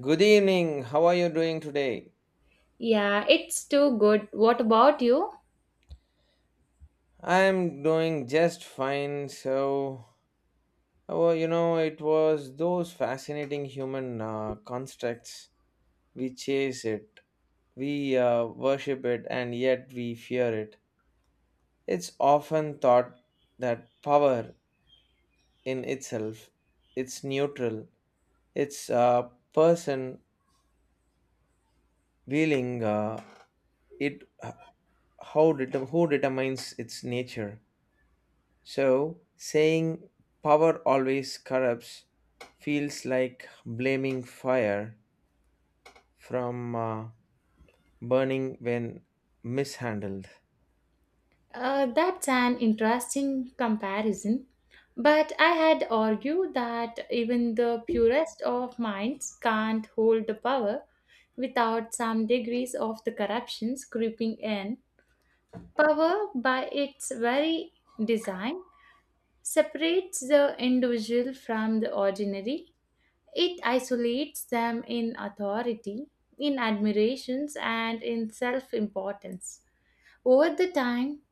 Good evening. How are you doing today? Yeah, it's too good. What about you? I'm doing just fine. It was those fascinating human constructs. We chase it, we worship it, and yet we fear it. It's often thought that power in itself, it's neutral. It's a person willing it. Who determines its nature? So, saying power always corrupts feels like blaming fire from burning when mishandled. That's an interesting comparison. But I had argued that even the purest of minds can't hold the power without some degrees of the corruptions creeping in. Power, by its very design, separates the individual from the ordinary. It isolates them in authority, in admirations, and in self importance. Over the time,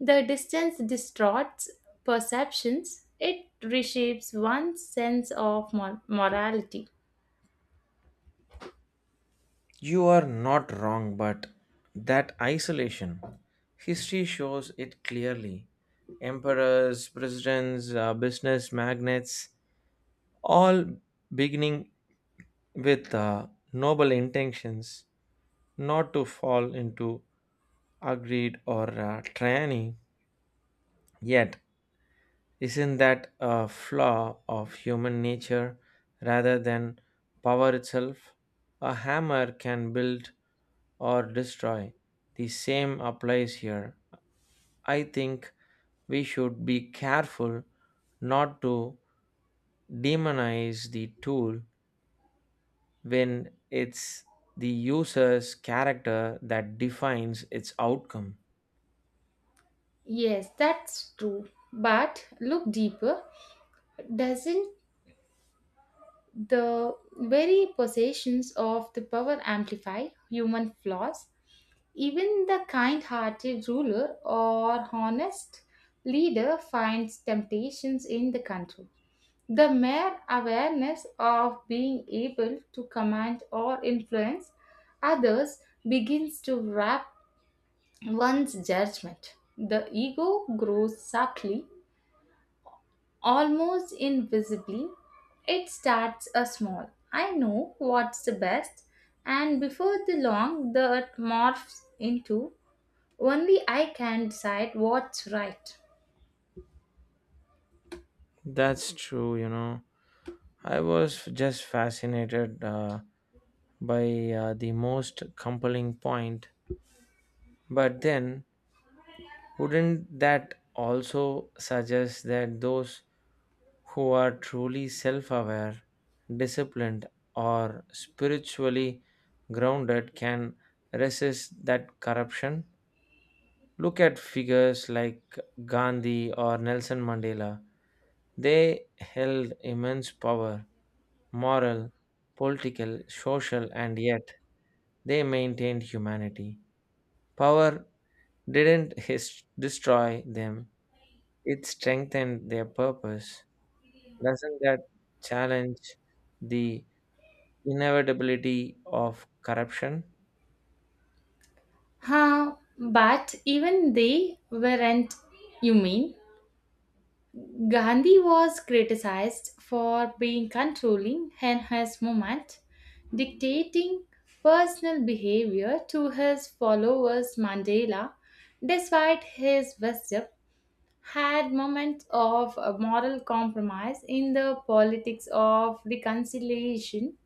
the distance distorts perceptions, it reshapes one's sense of morality. You are not wrong, but that isolation, history shows it clearly. Emperors, presidents, business magnates, all beginning with noble intentions not to fall into agreed or tyranny. Yet, isn't that a flaw of human nature rather than power itself? A hammer can build or destroy. The same applies here. I think we should be careful not to demonize the tool when it's the user's character that defines its outcome. Yes, that's true. But look deeper. Doesn't the very possessions of the power amplify human flaws? Even the kind hearted ruler or honest leader finds temptations in the control. The mere awareness of being able to command or influence others begins to wrap one's judgment. The ego grows subtly, almost invisibly. It starts a small. I know what's the best, and before the long, the morphs into only I can decide what's right. That's true, you know. I was just fascinated. By the most compelling point. But then, wouldn't that also suggest that those who are truly self aware, disciplined, or spiritually grounded can resist that corruption? Look at figures like Gandhi or Nelson Mandela. They held immense power, moral, political, social, and yet they maintained humanity. Power didn't destroy them, it strengthened their purpose. Doesn't that challenge the inevitability of corruption? Huh, but even they weren't, you mean? Gandhi was criticized for being controlling in his movement, dictating personal behavior to his followers. Mandela, despite his wisdom, had moments of moral compromise in the politics of reconciliation.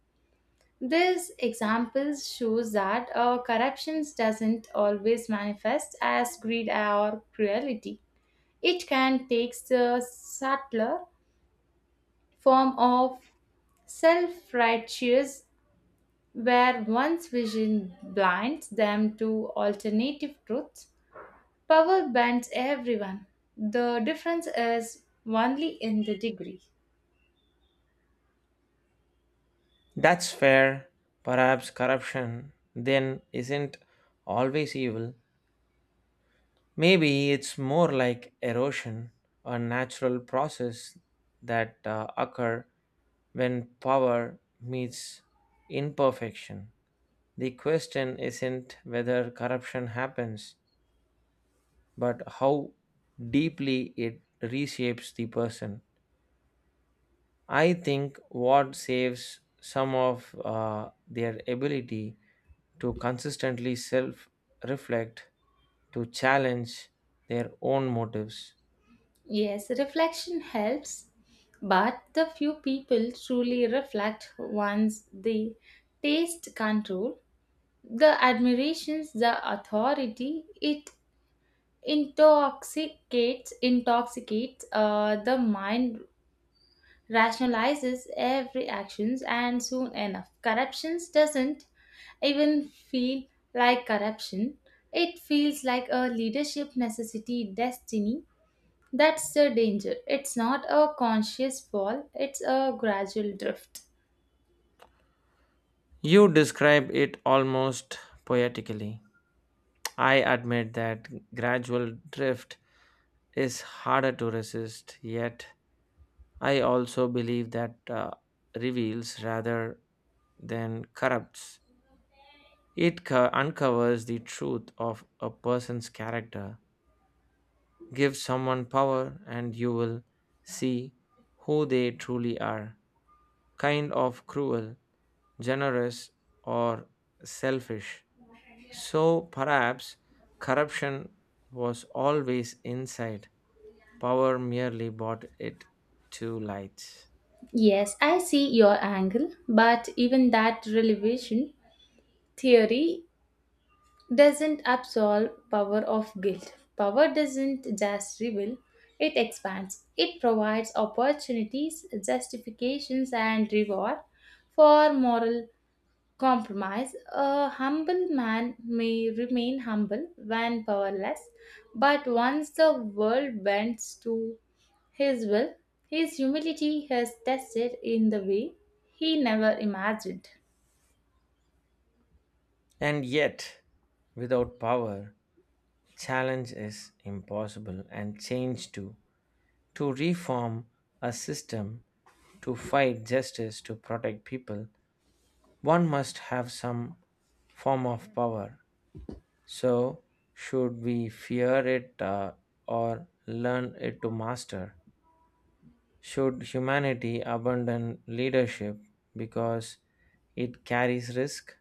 This example shows that corruption doesn't always manifest as greed or cruelty. It can take the subtler form of self-righteous where one's vision blinds them to alternative truths. Power bends everyone. The difference is only in the degree. That's fair. Perhaps corruption then isn't always evil. Maybe it's more like erosion, a natural process that occur when power meets imperfection. The question isn't whether corruption happens, but how deeply it reshapes the person. I think what saves some of their ability to consistently self reflect, to challenge their own motives. Yes, reflection helps, but the few people truly reflect once they taste control. The admirations, the authority, it intoxicates intoxicates the mind rationalizes every actions and soon enough corruption doesn't even feel like corruption. It feels like a leadership necessity destiny. That's the danger. It's not a conscious fall, it's a gradual drift. You describe it almost poetically. I admit that gradual drift is harder to resist, yet, I also believe that reveals rather than corrupts. Uncovers the truth of a person's character. Give someone power, and you will see who they truly are, kind of cruel, generous, or selfish. So perhaps corruption was always inside, power merely brought it to light. Yes, I see your angle, but even that relevation theory doesn't absolve power of guilt. Power doesn't just reveal, it expands. It provides opportunities, justifications, and reward for moral compromise. A humble man may remain humble when powerless, but once the world bends to his will, his humility is tested in the way he never imagined. And yet, without power, challenge is impossible and change too. To reform a system, to fight justice, to protect people, one must have some form of power. So should we fear it or learn it to master? Should humanity abandon leadership because it carries risk?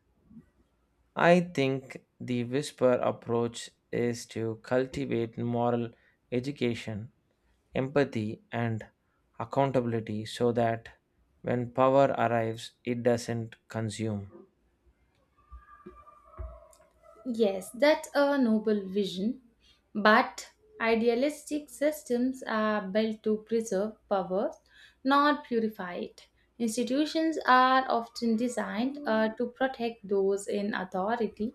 I think the whisper approach is to cultivate moral education, empathy, and accountability so that when power arrives, it doesn't consume. Yes, that's a noble vision, but idealistic systems are built to preserve power, not purify it. Institutions are often designed to protect those in authority.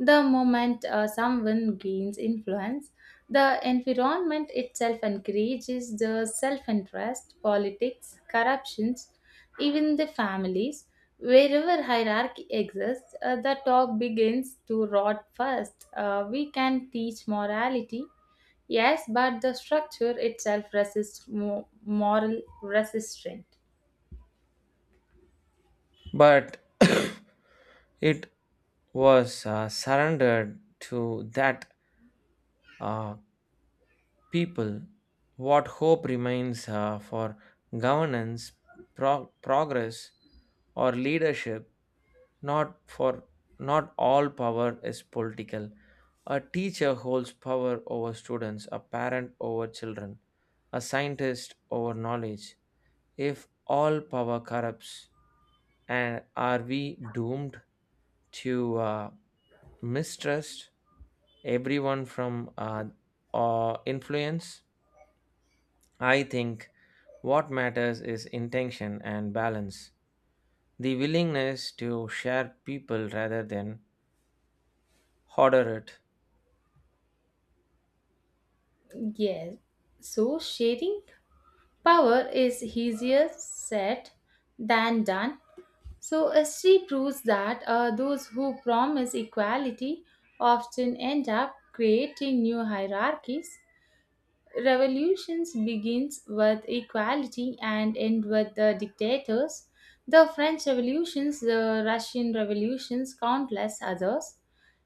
The moment someone gains influence, the environment itself encourages the self interest, politics, corruptions, even the families. Wherever hierarchy exists, the top begins to rot first. We can teach morality, yes, but the structure itself resists moral resistance. But it was surrendered to that uh, people, what hope remains for governance, progress, or leadership, not for not all power is political. A teacher holds power over students, a parent over children, a scientist over knowledge. If all power corrupts, and are we doomed to mistrust everyone from influence? I think what matters is intention and balance, the willingness to share people rather than hoarder it. Yes. So sharing power is easier said than done. So, history proves that those who promise equality often end up creating new hierarchies. Revolutions begins with equality and end with the dictators. The French revolutions, the Russian revolutions, countless others.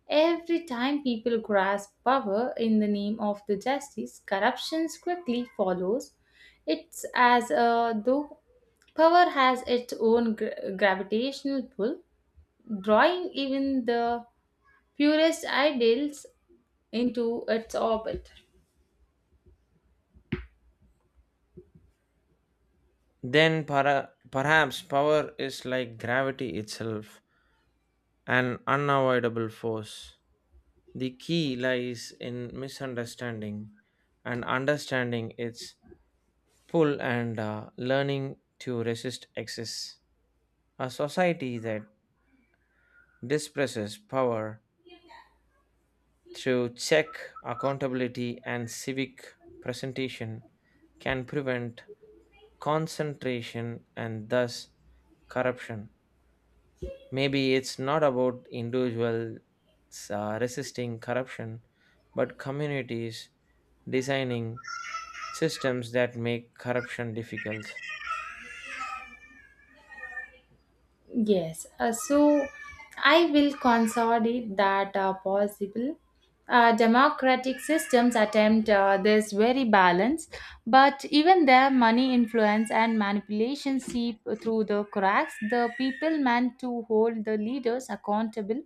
Every time people grasp power in the name of the justice, corruption quickly follows. It's as though power has its own gravitational pull, drawing even the purest ideals into its orbit. Perhaps power is like gravity itself, an unavoidable force. The key lies in misunderstanding and understanding its pull and learning to resist excess. A society that dispresses power through check, accountability and civic presentation can prevent concentration and thus corruption. Maybe it's not about individuals resisting corruption but communities designing systems that make corruption difficult. Yes, so I will consolidate that possible. Democratic systems attempt this very balance, but even their money influence and manipulation seep through the cracks. The people meant to hold the leaders accountable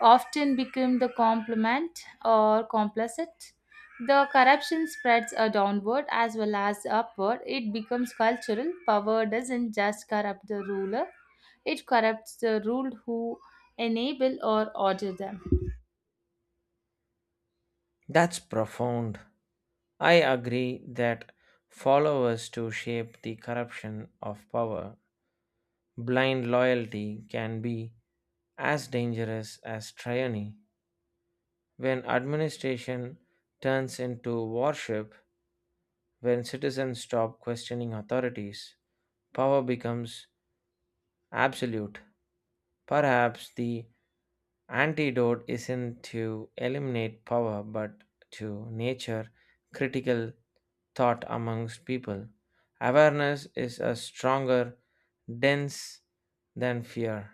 often become the complement or complicit. The corruption spreads downward as well as upward. It becomes cultural. Power doesn't just corrupt the ruler, it corrupts the ruled who enable or order them. That's profound. I agree that followers to shape the corruption of power, blind loyalty can be as dangerous as tyranny. When administration turns into worship, when citizens stop questioning authorities, power becomes absolute. Perhaps the antidote isn't to eliminate power but to nature critical thought amongst people. Awareness is a stronger dense than fear.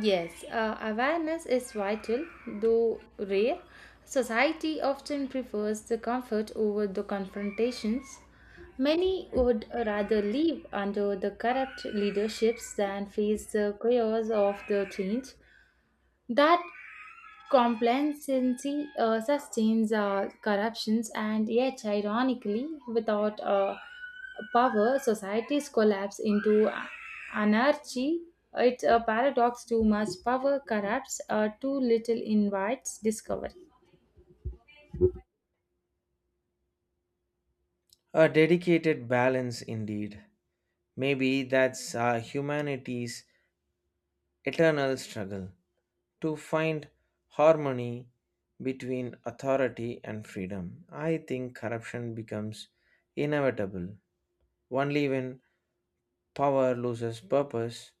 Yes, awareness is vital, though rare. Society often prefers the comfort over the confrontations. Many would rather live under the corrupt leaderships than face the chaos of the change. That complacency sustains corruptions, and yet, ironically, without power, societies collapse into anarchy. It's a paradox. Too much power corrupts, too little invites discovery. A dedicated balance indeed. Maybe that's humanity's eternal struggle to find harmony between authority and freedom. I think corruption becomes inevitable only when power loses purpose,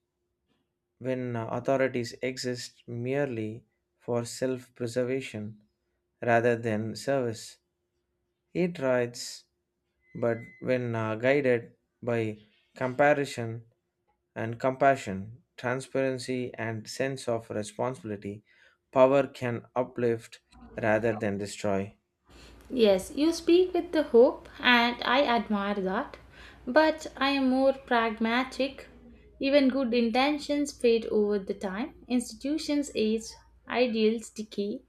when authorities exist merely for self preservation rather than service. It writes, but when guided by comparison, and compassion, transparency, and sense of responsibility, power can uplift rather than destroy. Yes, you speak with the hope, and I admire that. But I am more pragmatic. Even good intentions fade over the time. Institutions age, ideals decay,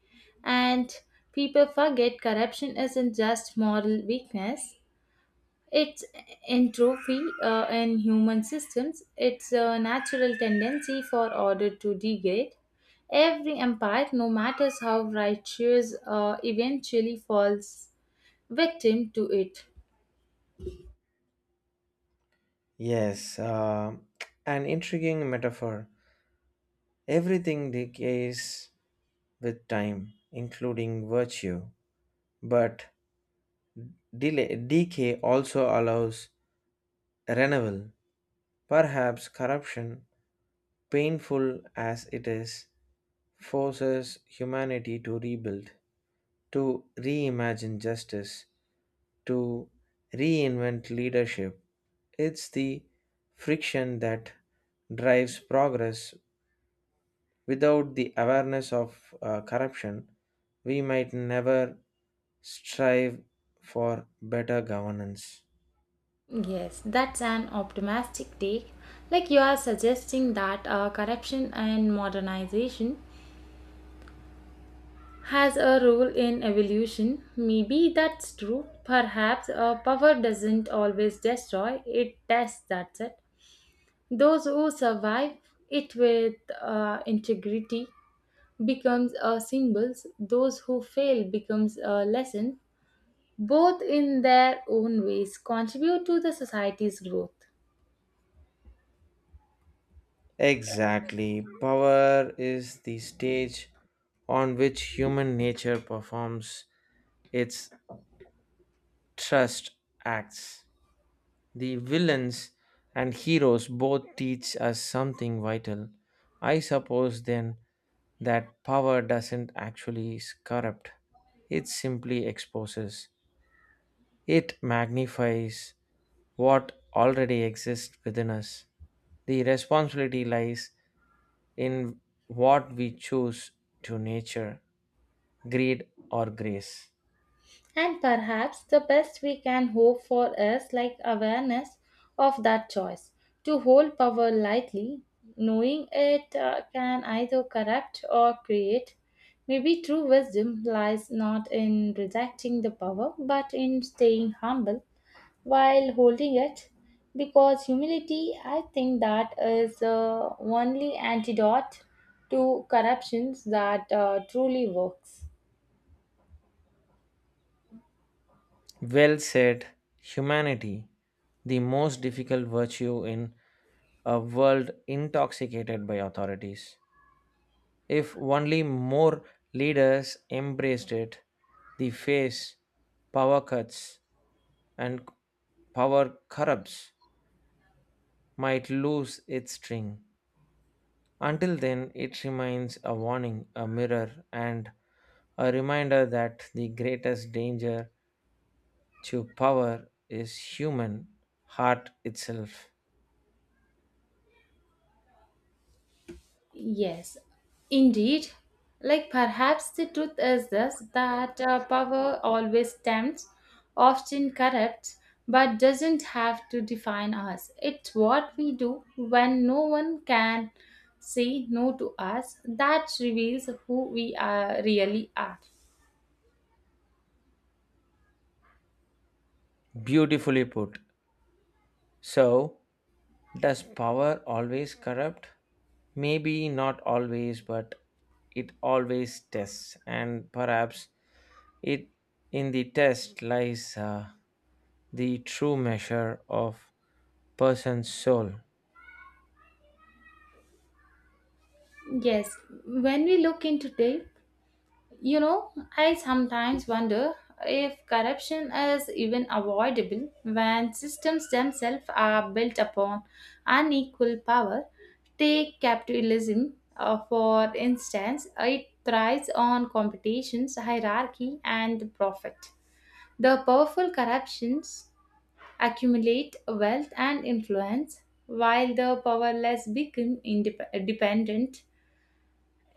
and people forget corruption isn't just moral weakness. It's entropy in human systems. It's a natural tendency for order to degrade. Every empire, no matter how righteous, eventually falls victim to it. Yes, an intriguing metaphor. Everything decays with time, including virtue, but delay, decay also allows renewal. Perhaps corruption, painful as it is, forces humanity to rebuild, to reimagine justice, to reinvent leadership. It's the friction that drives progress. Without the awareness of corruption, we might never strive for better governance. Yes, that's an optimistic take. Like you are suggesting that corruption and modernization has a role in evolution. Maybe that's true. Perhaps power doesn't always destroy, it tests, that's it. Those who survive it with integrity becomes a symbols. Those who fail becomes a lesson. Both in their own ways contribute to the society's growth. Exactly. Power is the stage on which human nature performs its trust acts. The villains and heroes both teach us something vital. I suppose then that power doesn't actually corrupt, it simply exposes, it magnifies what already exists within us. The responsibility lies in what we choose to nature, greed, or grace. And perhaps the best we can hope for is like awareness of that choice to hold power lightly, knowing it can either corrupt or create. Maybe true wisdom lies not in rejecting the power but in staying humble while holding it. Because humility, I think that is the only antidote to corruptions that truly works. Well said, humanity, the most difficult virtue in a world intoxicated by authorities. If only more leaders embraced it, the face power cuts and power corrupts might lose its sting. Until then, it remains a warning, a mirror, and a reminder that the greatest danger to power is human heart itself. Yes, indeed. Like perhaps the truth is this that power always tempts, often corrupts, but doesn't have to define us. It's what we do when no one can say no to us that reveals who we are, really are. Beautifully put. So, does power always corrupt? Maybe not always, but it always tests, and perhaps it in the test lies the true measure of person's soul. Yes, when we look into depth, you know, I sometimes wonder if corruption is even avoidable when systems themselves are built upon unequal power. Take capitalism, for instance, it thrives on competitions, hierarchy, and profit. The powerful corruptions accumulate wealth and influence, while the powerless become independent.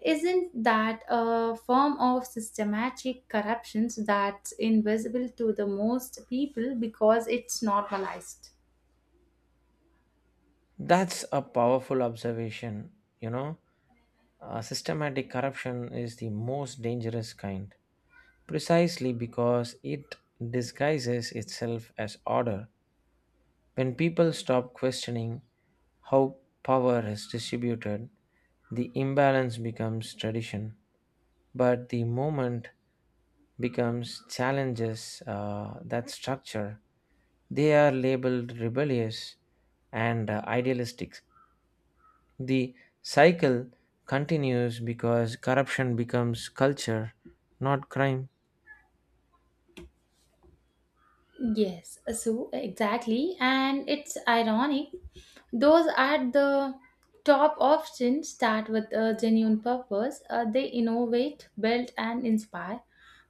Isn't that a form of systematic corruption that's invisible to the most people because it's normalized? That's a powerful observation. You know, systematic corruption is the most dangerous kind, precisely because it disguises itself as order. When people stop questioning how power is distributed, the imbalance becomes tradition. But the moment becomes challenges that structure. They are labeled rebellious and idealistic. The cycle continues because corruption becomes culture, not crime. Yes, so exactly, and it's ironic. Those at the top often start with a genuine purpose. They innovate, build, and inspire.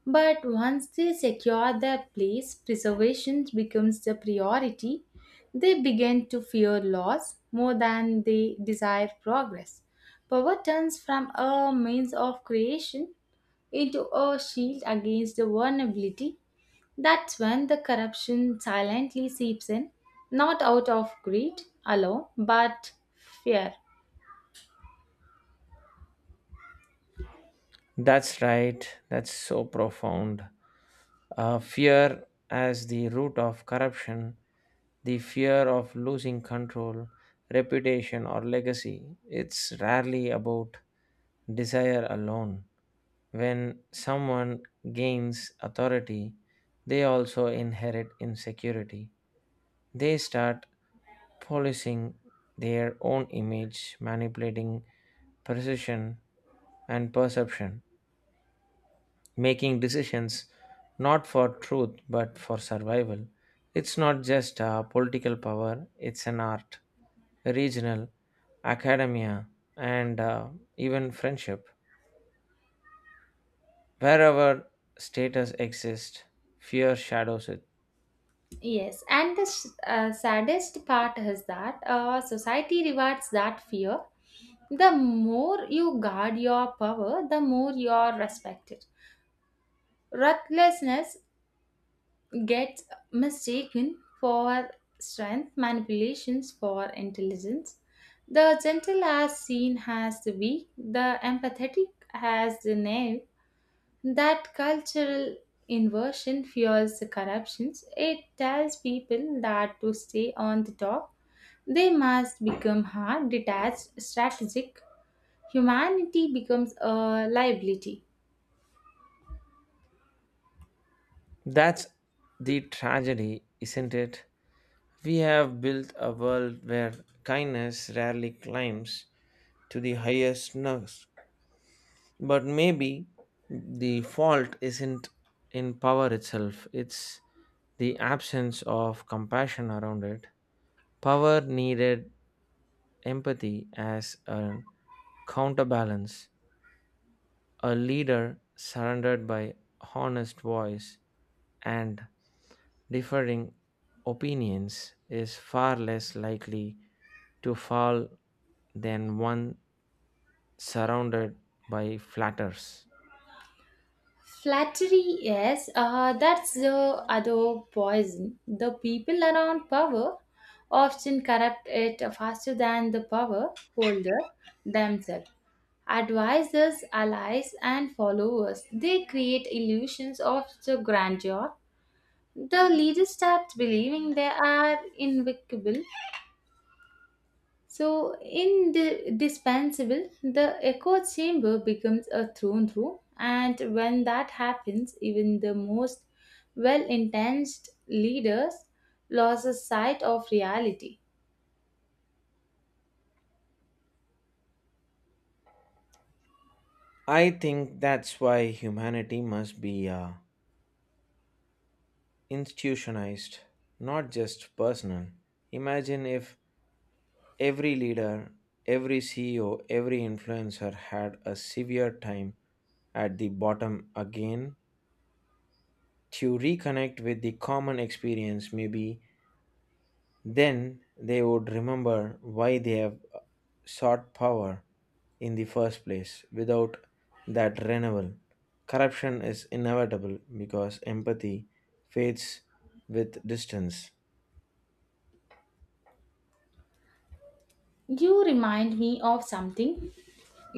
But once they secure their place, preservation becomes the priority. They begin to fear loss more than they desire progress. Power turns from a means of creation into a shield against the vulnerability. That's when the corruption silently seeps in, not out of greed alone, but fear. That's right. That's so profound. Fear as the root of corruption, the fear of losing control, reputation, or legacy. It's rarely about desire alone. When someone gains authority, they also inherit insecurity. They start policing their own image, manipulating precision and perception, making decisions not for truth but for survival. It's not just a political power, it's an art, regional, academia, and even friendship. Wherever status exists, fear shadows it. Yes, and the saddest part is that society rewards that fear. The more you guard your power, the more you are respected. Ruthlessness gets mistaken for strength, manipulations for intelligence. The gentle as seen as the weak, the empathetic as the naive. That cultural inversion fuels the corruptions. It tells people that to stay on the top, they must become hard, detached, strategic. Humanity becomes a liability. That's the tragedy, isn't it? We have built a world where kindness rarely climbs to the highest notes. But maybe the fault isn't in power itself, it's the absence of compassion around it. Power needed empathy as a counterbalance, a leader surrounded by honest voice and differing opinions is far less likely to fall than one surrounded by flatters. Flattery, yes, that's the other poison. The people around power often corrupt it faster than the power holder themselves. Advisors, allies, and followers, they create illusions of the grandeur. The leaders start believing they are invincible so, indispensable, the echo chamber becomes a throne room, and when that happens, even the most well-intentioned leaders loses sight of reality. I think that's why humanity must be institutionalized, not just personal. Imagine if every leader, every CEO, every influencer had a severe time at the bottom again to reconnect with the common experience. Maybe then they would remember why they have sought power in the first place. Without that renewal, corruption is inevitable because empathy fades with distance. You remind me of something.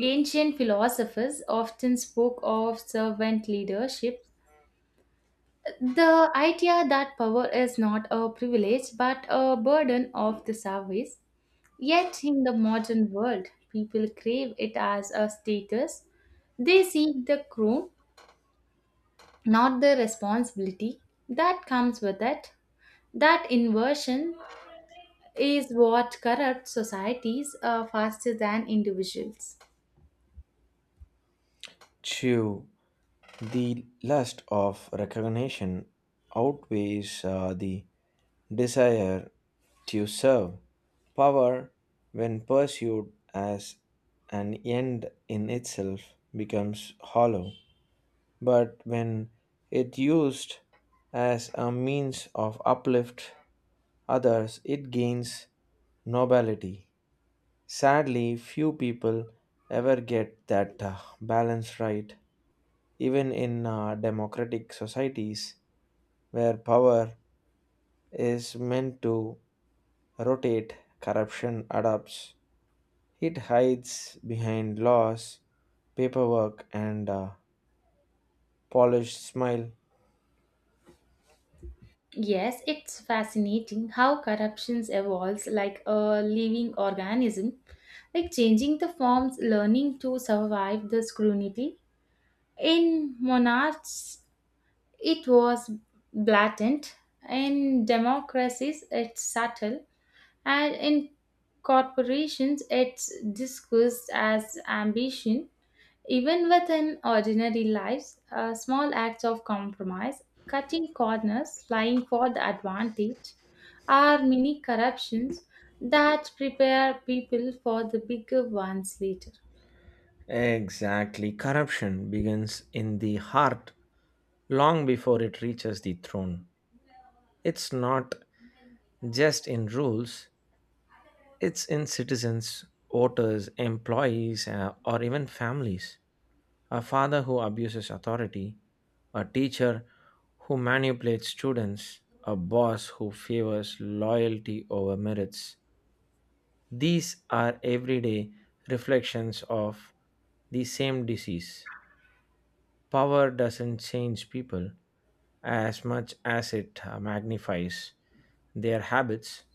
Ancient philosophers often spoke of servant leadership, the idea that power is not a privilege but a burden of the service. Yet, in the modern world, people crave it as a status. They seek the crown, not the responsibility that comes with it. That inversion is what corrupts societies faster than individuals. Two, the lust of recognition outweighs the desire to serve, power, when pursued as an end in itself, becomes hollow, but when it used as a means of uplift others, it gains nobility. Sadly, few people ever get that balance right, even in democratic societies where power is meant to rotate, corruption adapts. It hides behind laws, paperwork, and a polished smile. Yes, it's fascinating how corruption evolves like a living organism, like changing the forms, learning to survive the scrutiny. In monarchs it was blatant. In democracies, it's subtle, and in corporations, it's discussed as ambition. Even within ordinary lives, small acts of compromise, cutting corners, lying for the advantage, are mini corruptions that prepare people for the bigger ones later. Exactly, corruption begins in the heart long before it reaches the throne. It's not just in rules, it's in citizens, voters, employees, or even families. A father who abuses authority, a teacher who manipulates students, a boss who favors loyalty over merits. These are everyday reflections of the same disease. Power doesn't change people as much as it magnifies their habits.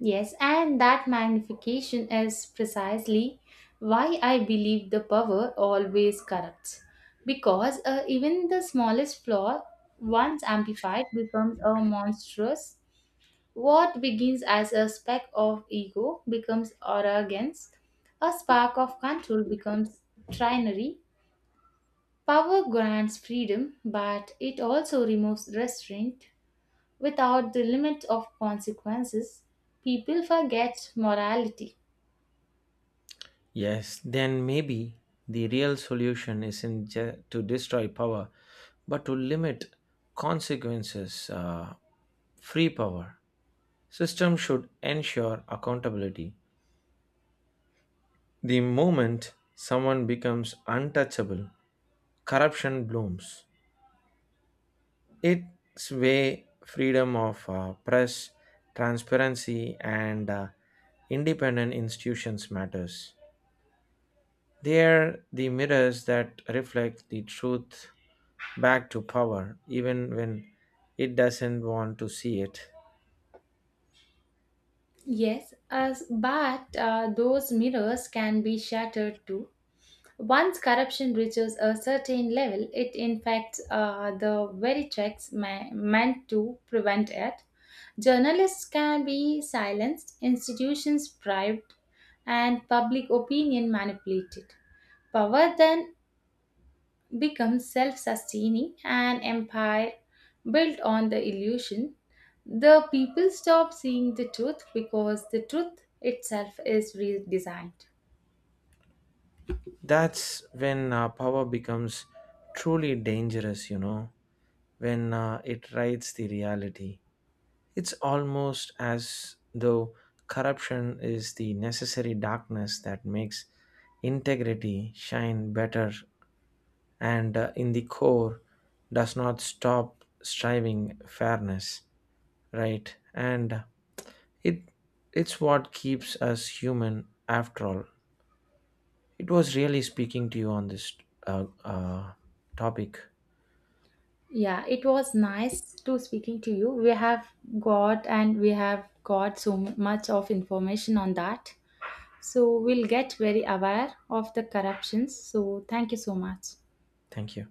Yes, and that magnification is precisely why I believe the power always corrupts. Because even the smallest flaw, once amplified, becomes a monstrous. What begins as a speck of ego becomes arrogance, a spark of control becomes trinary. Power grants freedom, but it also removes restraint. Without the limit of consequences, people forget morality. Yes, then maybe the real solution isn't to destroy power, but to limit consequences free power. System should ensure accountability. The moment someone becomes untouchable, corruption blooms. Its way freedom of press, transparency and independent institutions matters. They are the mirrors that reflect the truth back to power even when it doesn't want to see it. Yes, as, but those mirrors can be shattered too. Once corruption reaches a certain level, it infects the very checks meant to prevent it. Journalists can be silenced, institutions bribed, and public opinion manipulated. Power then become self sustaining an empire built on the illusion, the people stop seeing the truth because the truth itself is redesigned. That's when power becomes truly dangerous, you know, when it writes the reality. It's almost as though corruption is the necessary darkness that makes integrity shine better and in the core does not stop striving fairness right and it it's what keeps us human after all. It was really speaking to you on this uh, uh, topic. Yeah, it was nice to speaking to you. We have got and we have got so much of information on that. So we'll get very aware of the corruptions. So thank you so much. Thank you.